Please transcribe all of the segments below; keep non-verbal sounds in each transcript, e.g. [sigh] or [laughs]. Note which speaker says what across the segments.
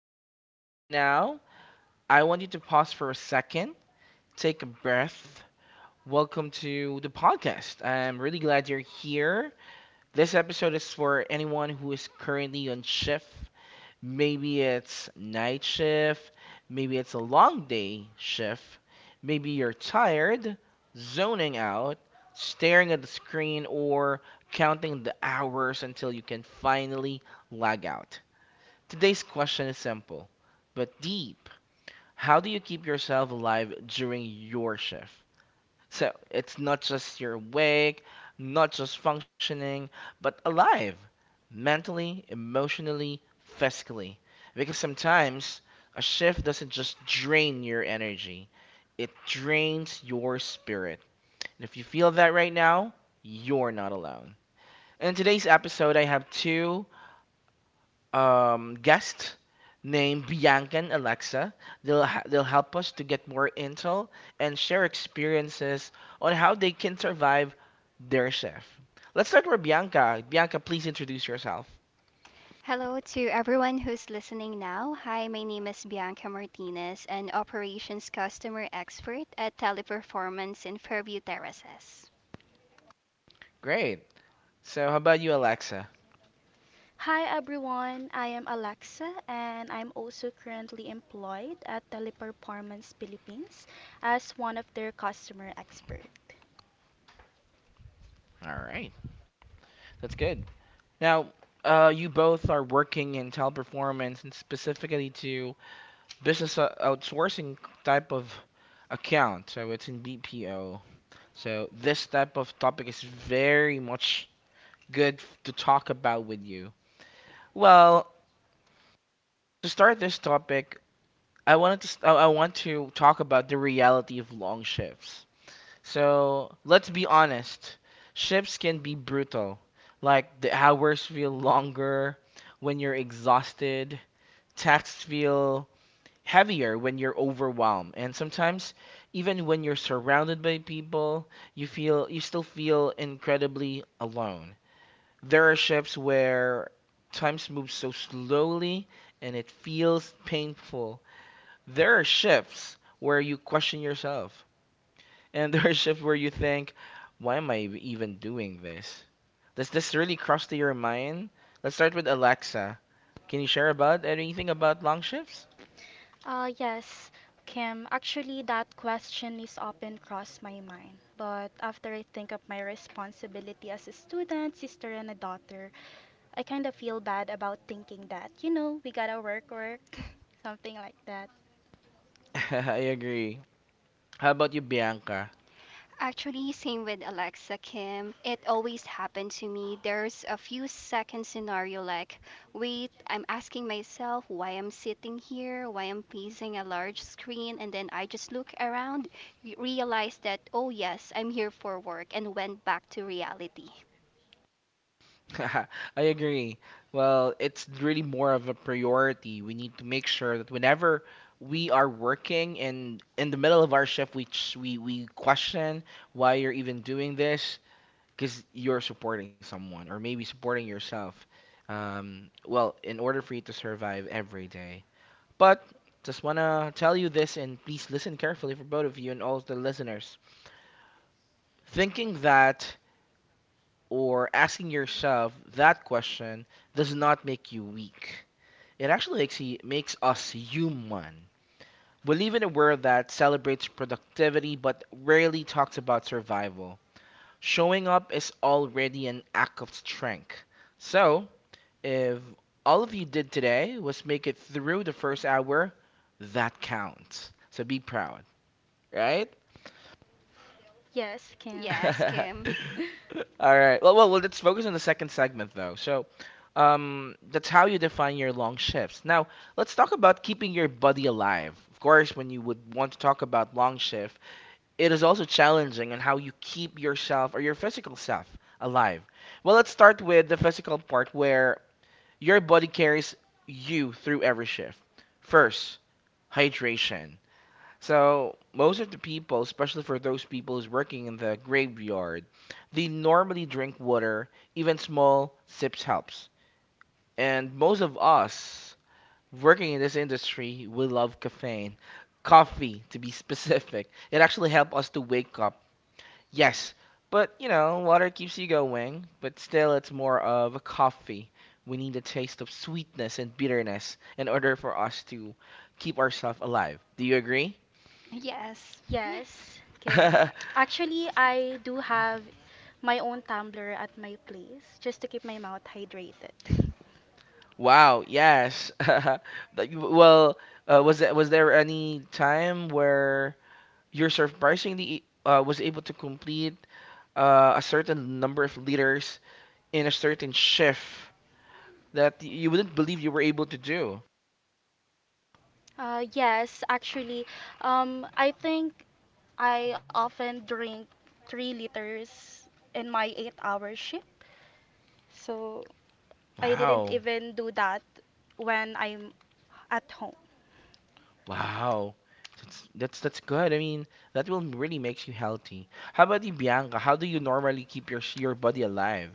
Speaker 1: listening to this right now, I want you to pause for a second, take a breath. Welcome to the podcast. I'm really glad you're here. This episode is for anyone who is currently on shift. Maybe it's night shift, maybe it's a long day shift, maybe you're tired, zoning out, staring at the screen, or counting the hours until you can finally log out. Today's question is simple but deep. How do you keep yourself alive during your shift? So it's not just you're awake, not just functioning, but alive mentally, emotionally, physically. Because sometimes a shift doesn't just drain your energy, it drains your spirit. And if you feel that right now, you're not alone. In today's episode, I have two guest named Bianca and Alexa. They'll help us to get more intel and share experiences on how they can survive their shift. Let's start with Bianca. Bianca, please introduce yourself.
Speaker 2: Hello to everyone who's listening now. Hi, my name is Bianca Martinez, an operations customer expert at Teleperformance in Fairview Terraces.
Speaker 1: Great. So, how about you, Alexa?
Speaker 3: Hi everyone, I am Alexa and I'm also currently employed at Teleperformance Philippines as one of their customer expert.
Speaker 1: All right, that's good. Now, you both are working in teleperformance and specifically to business outsourcing type of account. So it's in BPO. So this type of topic is very much good to talk about with you. Well, to start this topic, I want to talk about the reality of long shifts. So let's be honest, shifts can be brutal. Like the hours feel longer when you're exhausted, tasks feel heavier when you're overwhelmed, and sometimes even when you're surrounded by people, you still feel incredibly alone. There are ships where times move so slowly and it feels painful. There are shifts where you question yourself, and [laughs] there are shifts where you think, "Why am I even doing this?" Does this really cross to your mind? Let's start with Alexa. Can you share about anything about long shifts?
Speaker 3: Yes, Kim, actually that question is often crossed my mind, but after I think of my responsibility as a student, sister and a daughter, I kind of feel bad about thinking that, we gotta work, [laughs] something like that.
Speaker 1: [laughs] I agree. How about you, Bianca?
Speaker 2: Actually, same with Alexa Kim. It always happened to me. There's a few second scenario like, wait, I'm asking myself why I'm sitting here, why I'm facing a large screen, and then I just look around, realize that, oh yes, I'm here for work, and went back to reality.
Speaker 1: [laughs] I agree. Well, it's really more of a priority. We need to make sure that whenever we are working and in the middle of our shift, we question why you're even doing this because you're supporting someone or maybe supporting yourself. Well, in order for you to survive every day. But just wanna tell you this, and please listen carefully for both of you and all of the listeners. Thinking that or asking yourself that question does not make you weak. It actually makes, you, makes us human. We live in a world that celebrates productivity but rarely talks about survival. Showing up is already an act of strength. So, if all of you did today was make it through the first hour, that counts. So be proud, right?
Speaker 3: Yes,
Speaker 1: [laughs]
Speaker 3: Kim.
Speaker 2: Yes,
Speaker 1: All
Speaker 2: Kim.
Speaker 3: [laughs]
Speaker 1: right. Well, well, well, let's focus on the second segment though. So, that's how you define your long shifts. Now, let's talk about keeping your body alive. Of course, when you would want to talk about long shift, it is also challenging on how you keep yourself or your physical self alive. Well, let's start with the physical part where your body carries you through every shift. First, hydration. So most of the people, especially for those people who's working in the graveyard, they normally drink water. Even small sips helps. And most of us working in this industry, we love caffeine, coffee to be [laughs] specific. It actually helps us to wake up. Yes, but you know, water keeps you going. But still, it's more of a coffee. We need a taste of sweetness and bitterness in order for us to keep ourselves alive. Do you agree?
Speaker 2: Yes.
Speaker 3: Yes, Kim.
Speaker 1: [laughs]
Speaker 3: Actually, I do have my own tumbler at my place just to keep my mouth hydrated. [laughs]
Speaker 1: Wow, yes. [laughs] Well, was there any time where you're surprisingly was able to complete a certain number of liters in a certain shift that you wouldn't believe you were able to do?
Speaker 3: Yes, actually, I think I often drink 3 liters in my 8-hour shift. So I didn't
Speaker 1: Wow.
Speaker 3: even do that when I'm at home.
Speaker 1: Wow. That's good. I mean, that will really makes you healthy. How about you, Bianca? How do you normally keep your body alive?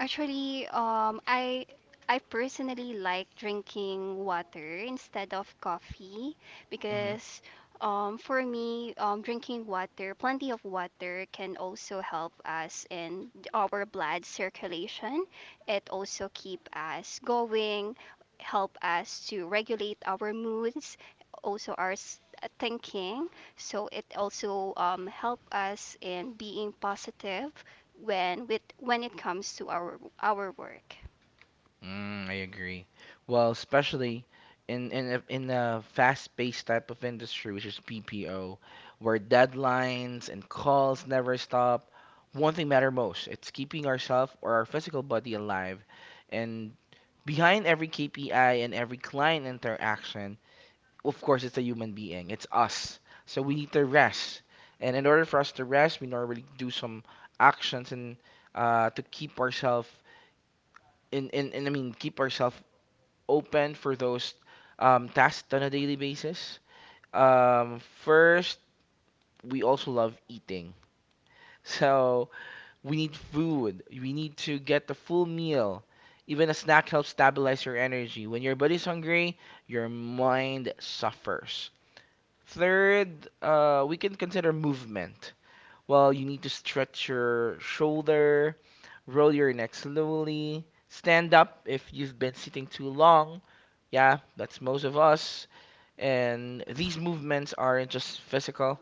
Speaker 2: Actually, I personally like drinking water instead of coffee
Speaker 1: Mm-hmm.
Speaker 2: because for me, drinking water, plenty of water can also help us in our blood circulation. It also keep us going, help us to regulate our moods, also our thinking. So it also help us in being positive when it comes to our work.
Speaker 1: Mm, I agree. Well, especially in a fast-paced type of industry, which is BPO, where deadlines and calls never stop, one thing matter most, it's keeping ourself or our physical body alive. And behind every KPI and every client interaction, of course, it's a human being. It's us. So we need to rest. And in order for us to rest, we normally do some actions and to keep ourselves in keep ourselves open for those tasks on a daily basis. First, we also love eating. [laughs] So we need food. We need to get the full meal. Even a snack helps stabilize your energy. When your body's hungry, your mind suffers. Third, we can consider movement. Well, you need to stretch your shoulder, roll your neck slowly, stand up if you've been sitting too long. Yeah, that's most of us. And these movements aren't just physical.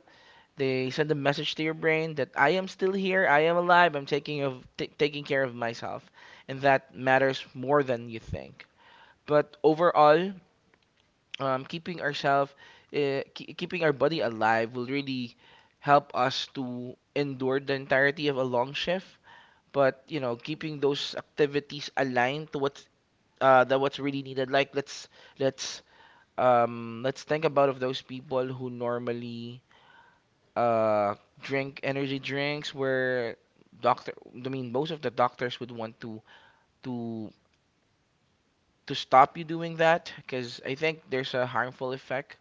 Speaker 1: They send a message to your brain that I am still here, I am alive, I'm taking of t- taking care of myself, and that matters more than you think. But overall, keeping ourselves, keeping our body alive will really help us to endure the entirety of a long shift. But you know, keeping those activities aligned to what's that what's really needed. Like let's let's think about of those people who normally uh, drink energy drinks where doctor most of the doctors would want to to stop you doing that because I think there's a harmful effect.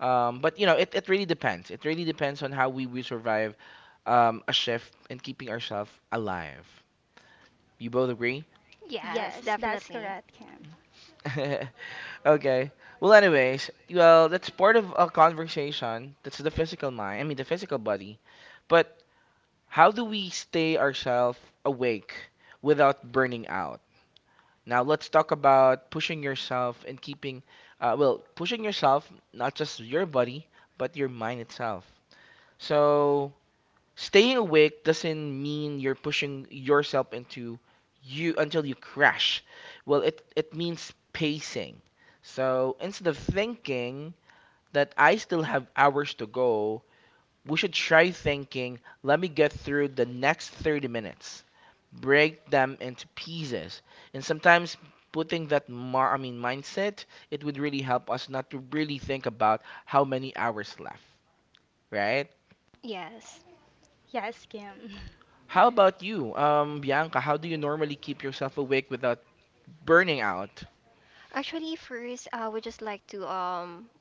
Speaker 1: But you know, it really depends. It really depends on how will survive a shift and keeping ourselves alive. You both agree?
Speaker 2: Yes,
Speaker 3: Yes, that's
Speaker 2: definitely.
Speaker 3: correct, Kim.
Speaker 1: [laughs] Okay. Well, anyways, well, that's part of a conversation. That's the physical mind. I mean, the physical body. But how do we stay ourselves awake without burning out? Now, let's talk about pushing yourself and keeping, well, pushing yourself, not just your body, but your mind itself. So, staying awake doesn't mean you're pushing yourself into you until you crash. Well, it means pacing. So instead of thinking that I still have hours to go, we should try thinking, let me get through the next 30 minutes. Break them into pieces. And sometimes putting that mar mindset, it would really help us not to really think about how many hours left, right?
Speaker 2: Yes.
Speaker 3: Yes, Kim. [laughs]
Speaker 1: How about you, Bianca? How do you normally keep yourself awake without burning out?
Speaker 2: Actually, first, I would just like to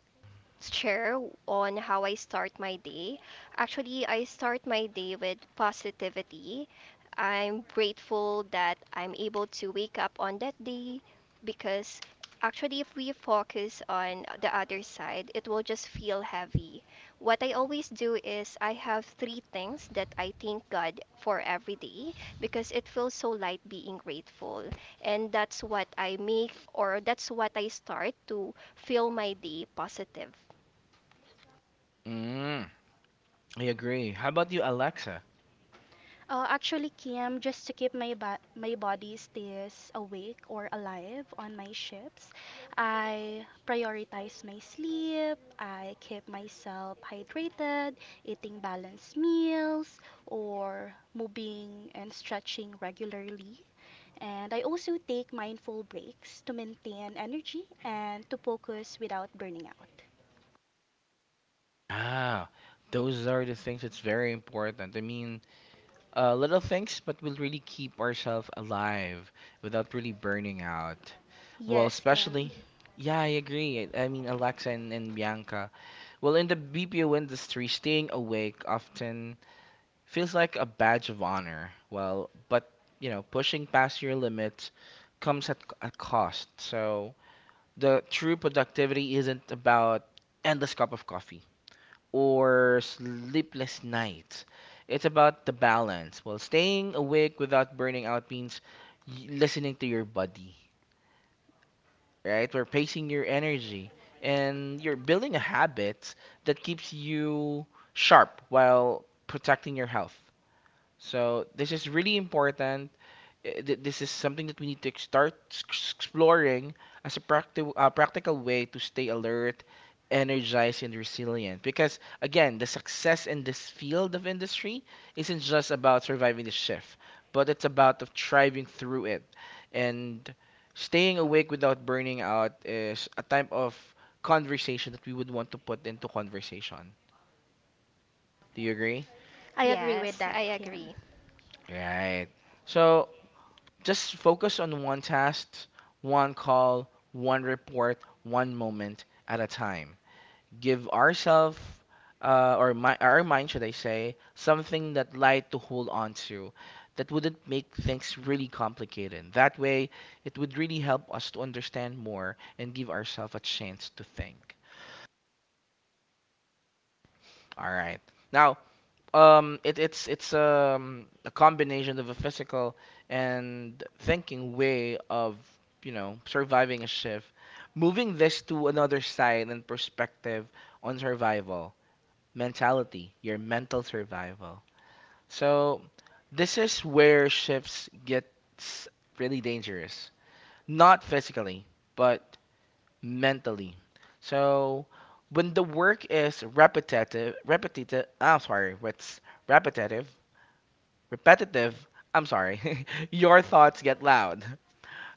Speaker 2: share on how I start my day. Actually, I start my day with positivity. I'm grateful that I'm able to wake up on that day because actually, if we focus on the other side, it will just feel heavy. What I always do is I have three things that I thank God for every day because it feels so light being grateful. And that's what I make or that's what I start to fill my day positive.
Speaker 1: Mm, I agree. How about you, Alexa?
Speaker 3: Actually, Kim, just to keep my body stays awake or alive on my shifts, I prioritize my sleep. I keep myself hydrated, eating balanced meals, or moving and stretching regularly. And I also take mindful breaks to maintain energy and to focus without burning out.
Speaker 1: Ah, those are the things that's very important. I mean, little things, but will really keep ourselves alive without really burning out. Well,
Speaker 3: Yes,
Speaker 1: especially,
Speaker 3: Kim.
Speaker 1: yeah, I agree. I mean, Alexa and Bianca. Well, in the BPO industry, staying awake often feels like a badge of honor. Well, but you know, pushing past your limits comes at a cost. So the true productivity isn't about endless cup of coffee or sleepless nights. It's about the balance. Well, staying awake without burning out means listening to your body, right? Or pacing your energy, and you're building a habit that keeps you sharp while protecting your health. So this is really important. This is something that we need to start exploring as a practical way to stay alert, energized, and resilient. Because again, the success in this field of industry isn't just about surviving the shift, but it's about of thriving through it. And staying awake without burning out is a type of conversation that we would want to put into conversation. Do you agree?
Speaker 3: I agree with
Speaker 2: Yes, I
Speaker 3: that, Kim.
Speaker 2: agree.
Speaker 1: Right. So just focus on one task, one call, one report, one moment at a time. Give ourselves, our mind, should I say, something that light to hold on to that wouldn't make things really complicated. That way, it would really help us to understand more and give ourselves a chance to think. All right. Now, it's a combination of a physical and thinking way of, you know, surviving a shift. Moving this to another side and perspective on survival, mentality, your mental survival. So this is where shifts gets really dangerous. Not physically, but mentally. So when the work is repetitive, repetitive, I'm sorry, what's repetitive repetitive. I'm sorry. [laughs] Your thoughts get loud.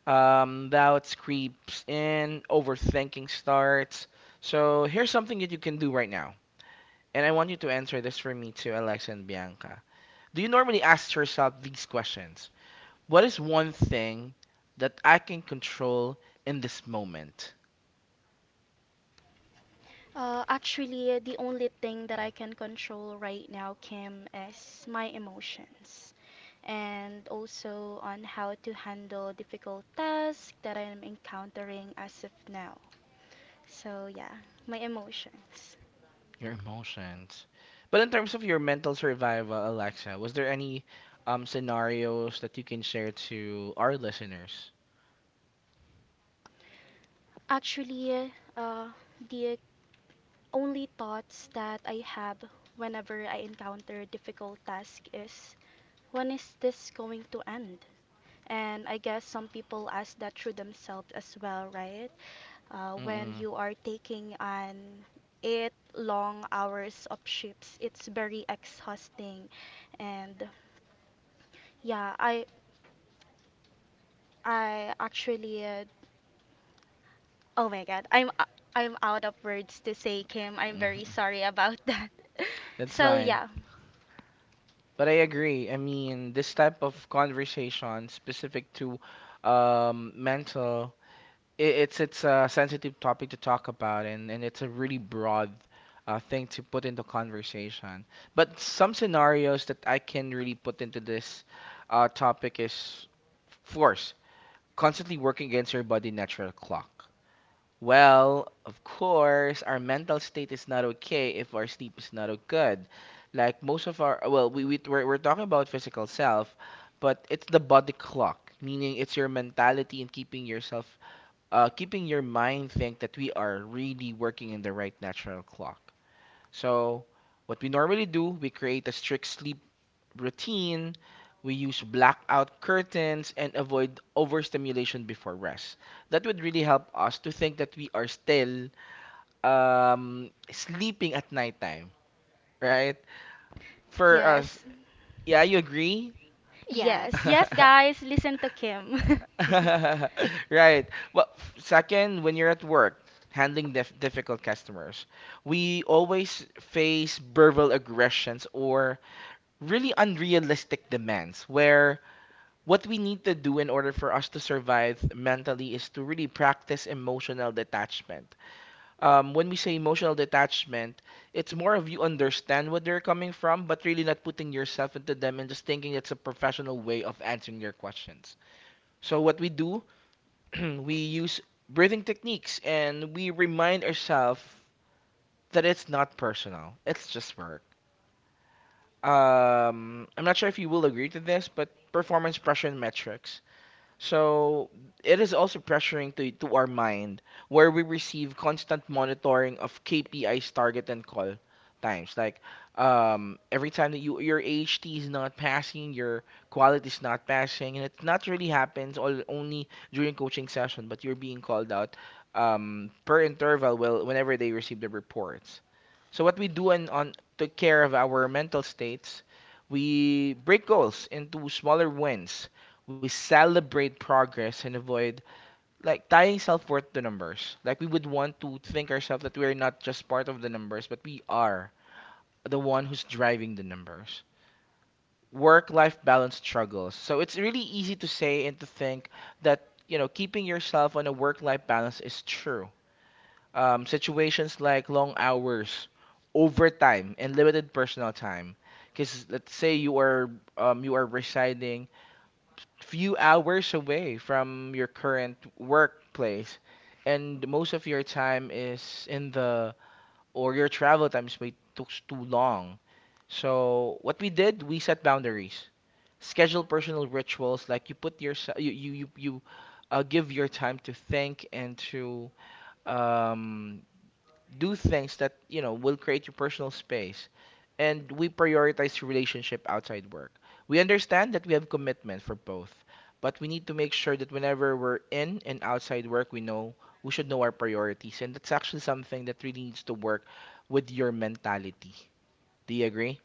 Speaker 1: Doubts creeps in, overthinking starts. So here's something that you can do right now, and I want you to answer this for me too, Alexa and Bianca. Do you normally ask yourself these questions? What is one thing that I can control in this moment?
Speaker 3: Actually, the only thing that I can control right now, Kim, is my emotions and also on how to handle difficult tasks that I am encountering as of now. So, yeah, my emotions.
Speaker 1: Your emotions. But in terms of your mental survival, Alexa, was there any scenarios that you can share to our listeners?
Speaker 3: Actually, the only thoughts that I have whenever I encounter difficult task is, when is this going to end? And I guess some people ask that through themselves as well, right? Uh, when
Speaker 1: Mm-mm.
Speaker 3: you are taking an 8 long hours of shifts, it's very exhausting and yeah, I actually oh my god, I'm out of words to say, Kim.
Speaker 1: [laughs]
Speaker 3: I'm very
Speaker 1: Mhm.
Speaker 3: sorry about that. [laughs]
Speaker 1: That's
Speaker 3: So
Speaker 1: fine.
Speaker 3: yeah.
Speaker 1: But I agree. I mean, this type of conversation specific to mental, it's a sensitive topic to talk about, and it's a really broad thing to put into conversation. But some scenarios that I can really put into this topic is force, constantly working against your body natural clock. Well, of course, our mental state is not okay if our sleep is not good. Like most of our, well, we're talking about physical self, but it's the body clock, meaning it's your mentality and keeping yourself, keeping your mind think that we are really working in the right natural clock. So, what we normally do, we create a strict sleep routine. We use blackout curtains and avoid overstimulation before rest. That would really help us to think that we are still sleeping at nighttime, right? For us,
Speaker 3: yes
Speaker 1: yeah, you agree?
Speaker 3: yes
Speaker 2: Yes.
Speaker 3: yes
Speaker 1: [laughs]
Speaker 3: guys, listen to Kim.
Speaker 2: [laughs]
Speaker 1: Right. Well, second, when you're at work, handling difficult customers, we always face verbal aggressions or really unrealistic demands where what we need to do in order for us to survive mentally is to really practice emotional detachment. When we say emotional detachment, it's more of you understand what they're coming from, but really not putting yourself into them and just thinking it's a professional way of answering your questions. So, what we do, [clears throat] we use breathing techniques and we remind ourselves that it's not personal, it's just work. I'm not sure if you will agree to this, but performance pressure and metrics. So it is also pressuring to our mind where we receive constant monitoring of KPIs target and call times. Like every time that your HT is not passing, your quality is not passing, and it not really happens all, only during coaching session, but you're being called out per interval well, whenever they receive the reports. So what we do on to care of our mental states, we break goals into smaller wins. We celebrate progress and avoid like tying self-worth to numbers. Like we would want to think ourselves that we are not just part of the numbers, but we are the one who's driving the numbers. Work-life balance struggles. So it's really easy to say and to think that, you know, keeping yourself on a work-life balance is true situations like long hours, overtime, and limited personal time. Because let's say you are residing few hours away from your current workplace, and most of your time is in the or your travel time is way took too long. So what we did, we set boundaries, schedule personal rituals like you put your you you you, you give your time to think and to um, do things that you know will create your personal space. And we prioritize relationship outside work. We understand that we have commitment for both, but we need to make sure that whenever we're in and outside work, we know, we should know our priorities. And that's actually something that really needs to work with your mentality. Do you agree?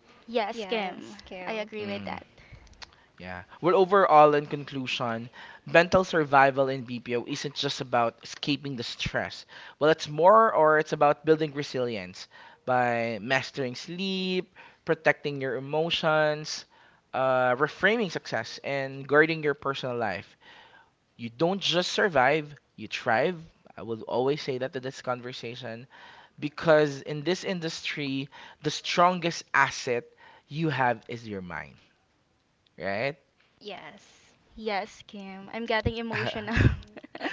Speaker 3: [laughs] Yes, Kim,
Speaker 2: Yes,
Speaker 3: I
Speaker 2: Kim.
Speaker 3: agree with
Speaker 1: Mm.
Speaker 3: that.
Speaker 1: Yeah. Well, overall, in conclusion, mental survival in BPO isn't just about escaping the stress. Well, it's more or it's about building resilience by mastering sleep, protecting your emotions, reframing success, and guarding your personal life. You don't just survive, you thrive. I will always say that to this conversation because in this industry, the strongest asset you have is your mind, right?
Speaker 2: Yes.
Speaker 3: Yes, Kim, I'm getting emotional.
Speaker 1: [laughs]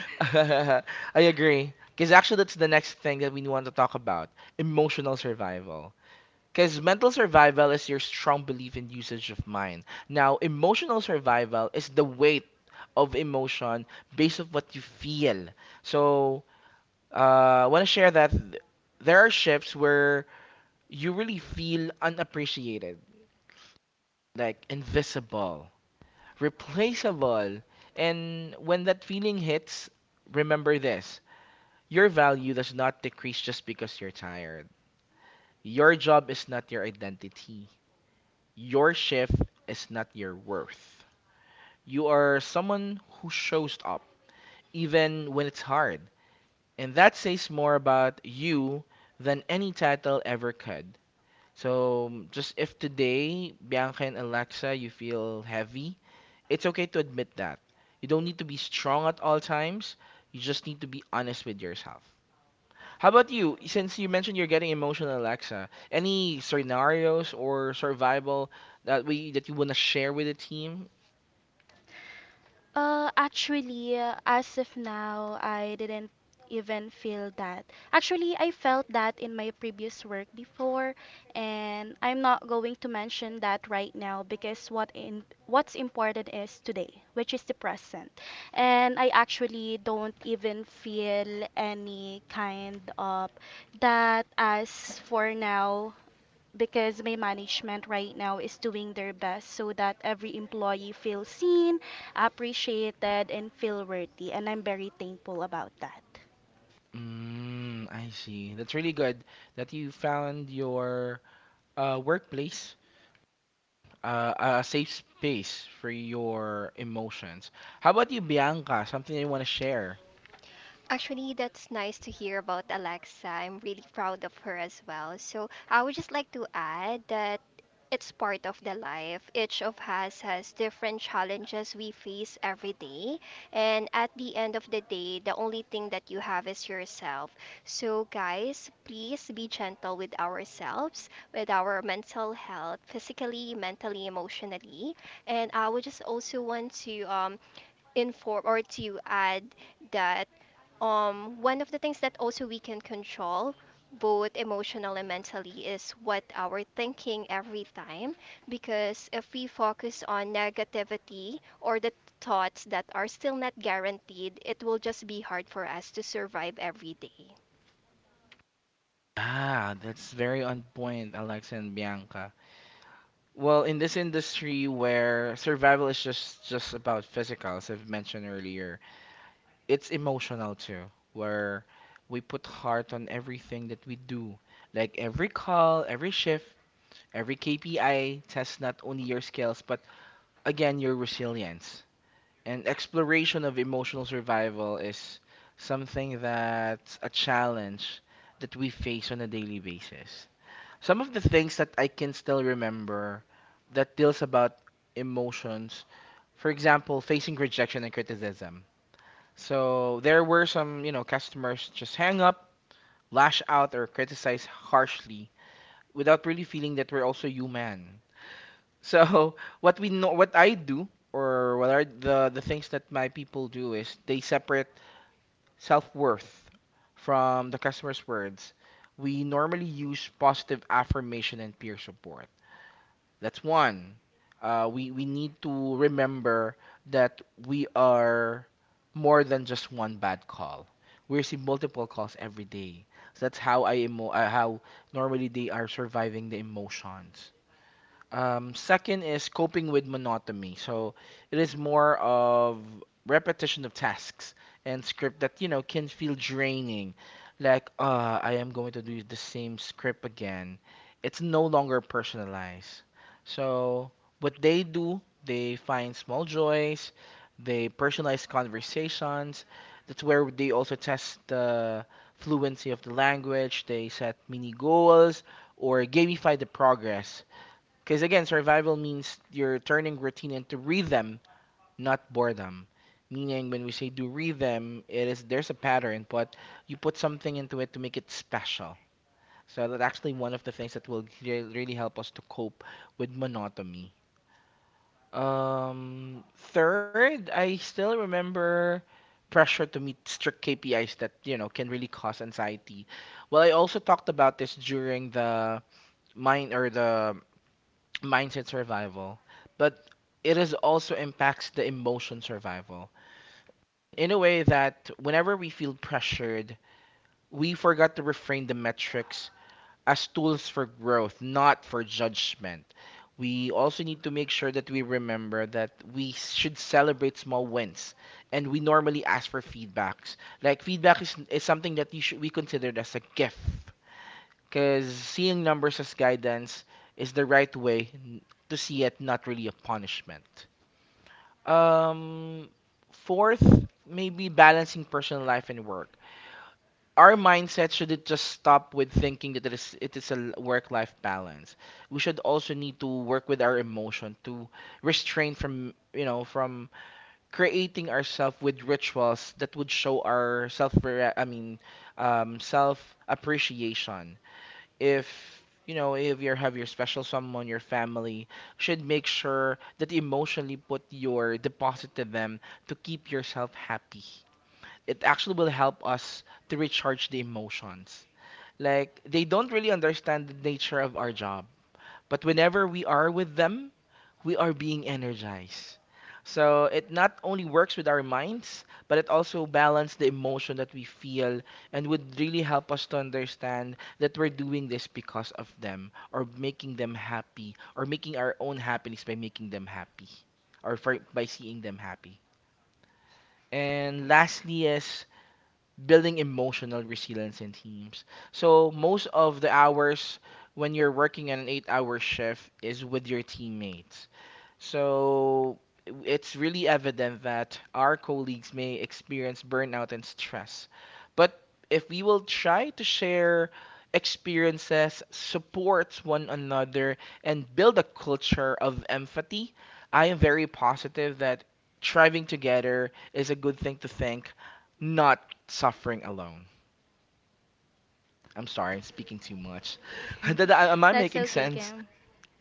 Speaker 1: [laughs] I agree. Because actually, that's the next thing that we want to talk about: emotional survival. Because mental survival is your strong belief and usage of mind. Now, emotional survival is the weight of emotion based on what you feel. So, I want to share that there are shifts where you really feel unappreciated, like invisible, replaceable. And when that feeling hits, remember this: your value does not decrease just because you're tired. Your job is not your identity. Your shift is not your worth. You are someone who shows up, even when it's hard. And that says more about you than any title ever could. So, just if today, Bianca and Alexa, you feel heavy, it's okay to admit that. You don't need to be strong at all times. You just need to be honest with yourself. How about you? Since you mentioned you're getting emotional, Alexa, any scenarios or survival that you wanna share with the team?
Speaker 3: Actually, as of now, I didn't even feel that. Actually, I felt that in my previous work before, and I'm not going to mention that right now because what's important is today, which is the present. And I actually don't even feel any kind of that as for now, because my management right now is doing their best so that every employee feels seen, appreciated, and feel worthy. And I'm very thankful about that.
Speaker 1: Mm, I see. That's really good that you found your workplace a safe space for your emotions. How about you, Bianca? Something you wanna share?
Speaker 2: Actually, that's nice to hear about Alexa. I'm really proud of her as well. So, I would just like to add that it's part of the life. Each of us has different challenges we face every day. And at the end of the day, the only thing that you have is yourself. So, guys, please be gentle with ourselves, with our mental health, physically, mentally, emotionally. And I would just also want to inform or to add that one of the things that also we can control, both emotional and mentally, is what our thinking every time. Because if we focus on negativity or the thoughts that are still not guaranteed, it will just be hard for us to survive every day.
Speaker 1: Ah, that's very on point, Alexa and Bianca. Well, in this industry where survival is just about physical, as I've mentioned earlier, it's emotional too, where we put heart on everything that we do. Like every call, every shift, every KPI tests not only your skills, but again, your resilience. And exploration of emotional survival is something that's a challenge that we face on a daily basis. Some of the things that I can still remember that deals about emotions, for example, facing rejection and criticism, so there were some, you know, customers just hang up, lash out, or criticize harshly without really feeling that we're also human. So [laughs] what we know, what I do, or what are the things that my people do is they separate self-worth from the customer's words. We normally use positive affirmation and peer support. That's one. We need to remember that we are more than just one bad call. We receive multiple calls every day. So that's how I emo how normally they are surviving the emotions. Second is coping with monotony. So it is more of repetition of tasks and script that, you know, can feel draining. Like, I am going to do the same script again. It's no longer personalized. So what they do, they find small joys, they personalize conversations. That's where they also test the fluency of the language. They set mini goals or gamify the progress because again, survival means you're turning routine into rhythm, not boredom. Meaning, when we say do rhythm, it is there's a pattern, but you put something into it to make it special. So that's actually one of the things that will really help us to cope with monotony. Um, Third, I still remember pressure to meet strict KPIs that you know can really cause anxiety. Well, I also talked about this during the mine or the mindset survival, but it is also impacts the emotion survival in a way that whenever we feel pressured, we forgot to reframe the metrics as tools for growth, not for judgment. We also need to make sure that we remember that we should celebrate small wins, and we normally ask for feedbacks. Like feedback is something that you should, we consider as a gift because seeing numbers as guidance is the right way to see it, not really a punishment. Um, Fourth, maybe balancing personal life and work. Our mindset shouldn't just stop with thinking that it is a work-life balance. We should also need to work with our emotion to restrain from, you know, from creating ourselves with rituals that would show our self, I mean, self appreciation. If you know, if you have your special someone, your family, should make sure that you emotionally put your deposit to them to keep yourself happy. It actually will help us to recharge the emotions. Like, they don't really understand the nature of our job, but whenever we are with them, we are being energized. So it not only works with our minds, but it also balances the emotion that we feel and would really help us to understand that we're doing this because of them, or making them happy, or making our own happiness by making them happy, or for, by seeing them happy. And lastly is building emotional resilience in teams. So most of the hours when you're working on an 8-hour shift is with your teammates. So it's really evident that our colleagues may experience burnout and stress. But if we will try to share experiences, support one another, and build a culture of empathy, I am very positive that thriving together is a good thing to think, not suffering alone. I'm sorry, I'm speaking too much. [laughs] Am
Speaker 3: [laughs]
Speaker 1: I
Speaker 3: That's
Speaker 1: making
Speaker 3: okay,
Speaker 1: sense?
Speaker 3: Kim.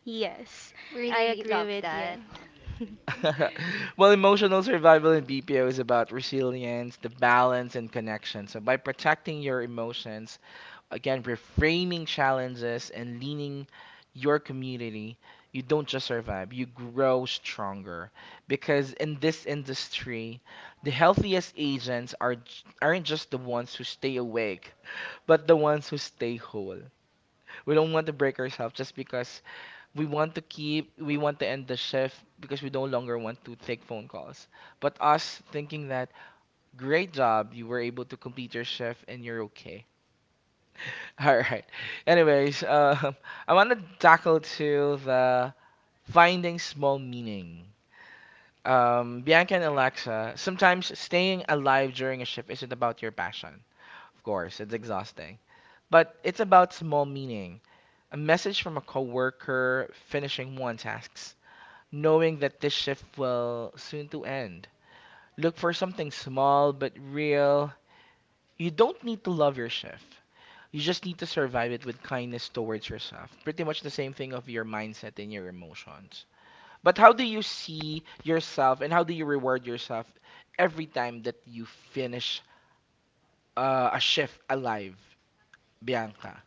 Speaker 3: Yes, I
Speaker 2: Really
Speaker 3: agree
Speaker 2: love
Speaker 3: with you.
Speaker 2: that.
Speaker 3: [laughs]
Speaker 1: [laughs] Well, emotional survival in BPO is about resilience, the balance, and connection. So, by protecting your emotions, again, reframing challenges, and leaning your community, you don't just survive, you grow stronger. Because in this industry, the healthiest agents are, aren't just the ones who stay awake, but the ones who stay whole. We don't want to break ourselves just because we want to end the shift because we no longer want to take phone calls. But us thinking that great job, you were able to complete your shift and you're okay. [laughs] All right. Anyways, [laughs] I want to tackle to the finding small meaning. Bianca and Alexa, sometimes staying alive during a shift isn't about your passion. Of course, it's exhausting. But it's about small meaning, a message from a coworker finishing one tasks, knowing that this shift will soon to end. Look for something small but real. You don't need to love your shift. You just need to survive it with kindness towards yourself. Pretty much the same thing of your mindset and your emotions. But how do you see yourself and how do you reward yourself every time that you finish a shift alive, Bianca?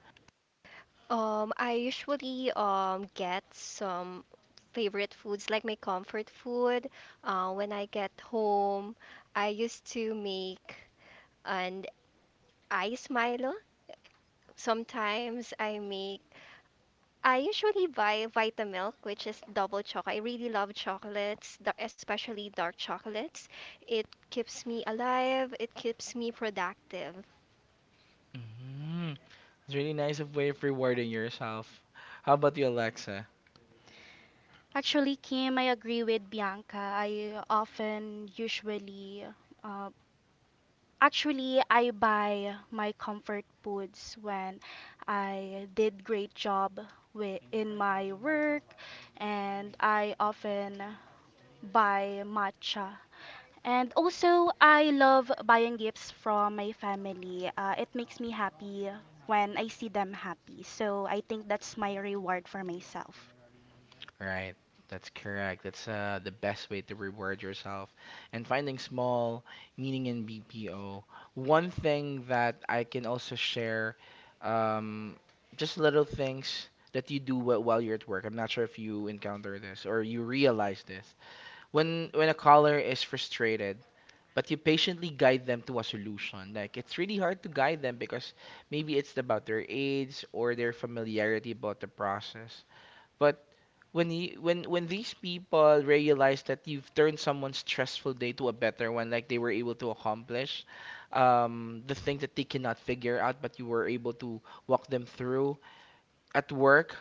Speaker 2: I usually get some favorite foods like my comfort food. When I get home, I used to make an I Smilo. Sometimes I make, I usually buy Vitamilk, which is double chocolate. I really love especially dark chocolates. It keeps me alive, it keeps me productive.
Speaker 1: Mm. It's really nice of way of rewarding yourself. How about you, Alexa?
Speaker 3: Actually, Kim, I agree with Bianca. I often usually uh, actually, I buy my comfort foods when I did great job in my work and I often buy matcha. And also, I love buying gifts from my family. It makes me happy when I see them happy. So I think that's my reward for myself.
Speaker 1: Right. That's correct. That's the best way to reward yourself. And finding small meaning in BPO. One thing that I can also share, um, just little things that you do while you're at work. I'm not sure if you encounter this or you realize this. When a caller is frustrated, but you patiently guide them to a solution. Like it's really hard to guide them because maybe it's about their age or their familiarity about the process. But when you when these people realize that you've turned someone's stressful day to a better one, like they were able to accomplish the things that they cannot figure out, but you were able to walk them through at work,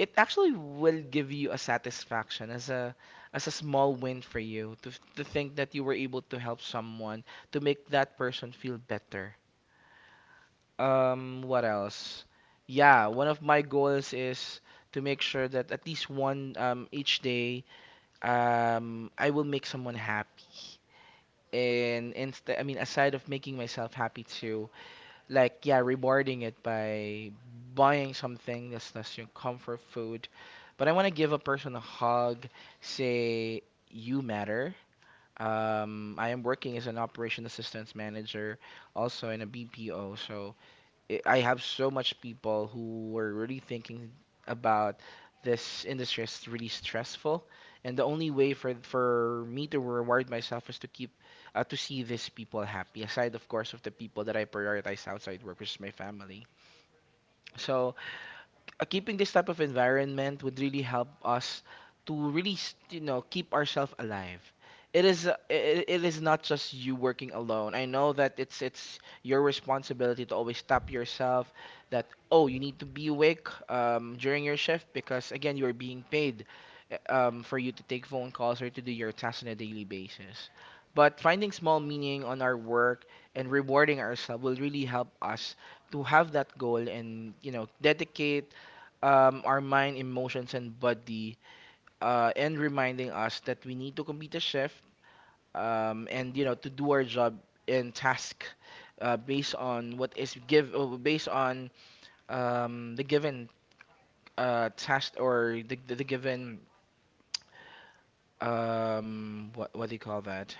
Speaker 1: it actually will give you a satisfaction as a small win for you to think that you were able to help someone to make that person feel better. What else? Yeah, one of my goals is to make sure that at least one each day I will make someone happy. And instead, I mean, aside of making myself happy too, like yeah, rewarding it by buying something that's your comfort food, but I want to give a person a hug, say you matter. I am working as an operation assistance manager also in a BPO. So I have so much people who were really thinking about this industry is really stressful, and the only way for me to reward myself is to keep to see these people happy. Aside, of course, of the people that I prioritize outside work, which is my family. So keeping this type of environment would really help us to really you know, keep ourselves alive. It is it is not just you working alone. I know that it's your responsibility to always tap yourself that, oh, you need to be awake during your shift, because again, you're being paid for you to take phone calls or to do your tasks on a daily basis. But finding small meaning on our work and rewarding ourselves will really help us to have that goal, and you know, dedicate our mind, emotions, and body, and reminding us that we need to complete a shift, and you know, to do our job and task based on the given task, or the given, what do you call that?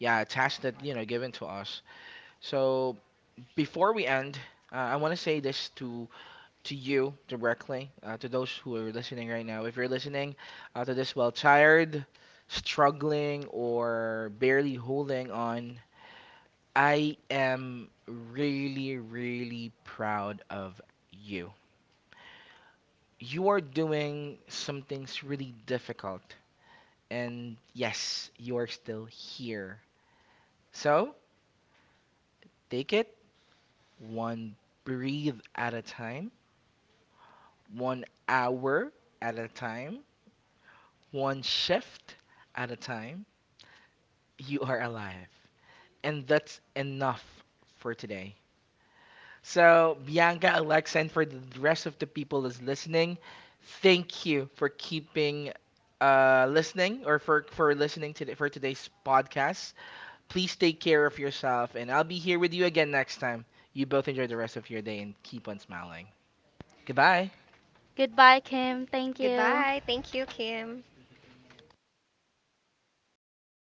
Speaker 1: Yeah, task that, you know, given to us. So before we end, I want to say this to you directly, to those who are listening right now. If you're listening to this while tired, struggling, or barely holding on, I am really, really proud of you. You are doing some things really difficult, and yes, you are still here. So take it one breathe at a time, 1 hour at a time, one shift at a time, you are alive. And that's enough for today. So, Bianca, Alexa, and for the rest of the people that's listening, thank you for keeping listening, or for listening to the, for today's podcast. Please take care of yourself, and I'll be here with you again next time. You both enjoy the rest of your day and keep on smiling. Goodbye.
Speaker 3: Goodbye, Kim. Thank you.
Speaker 2: Goodbye. Thank you, Kim.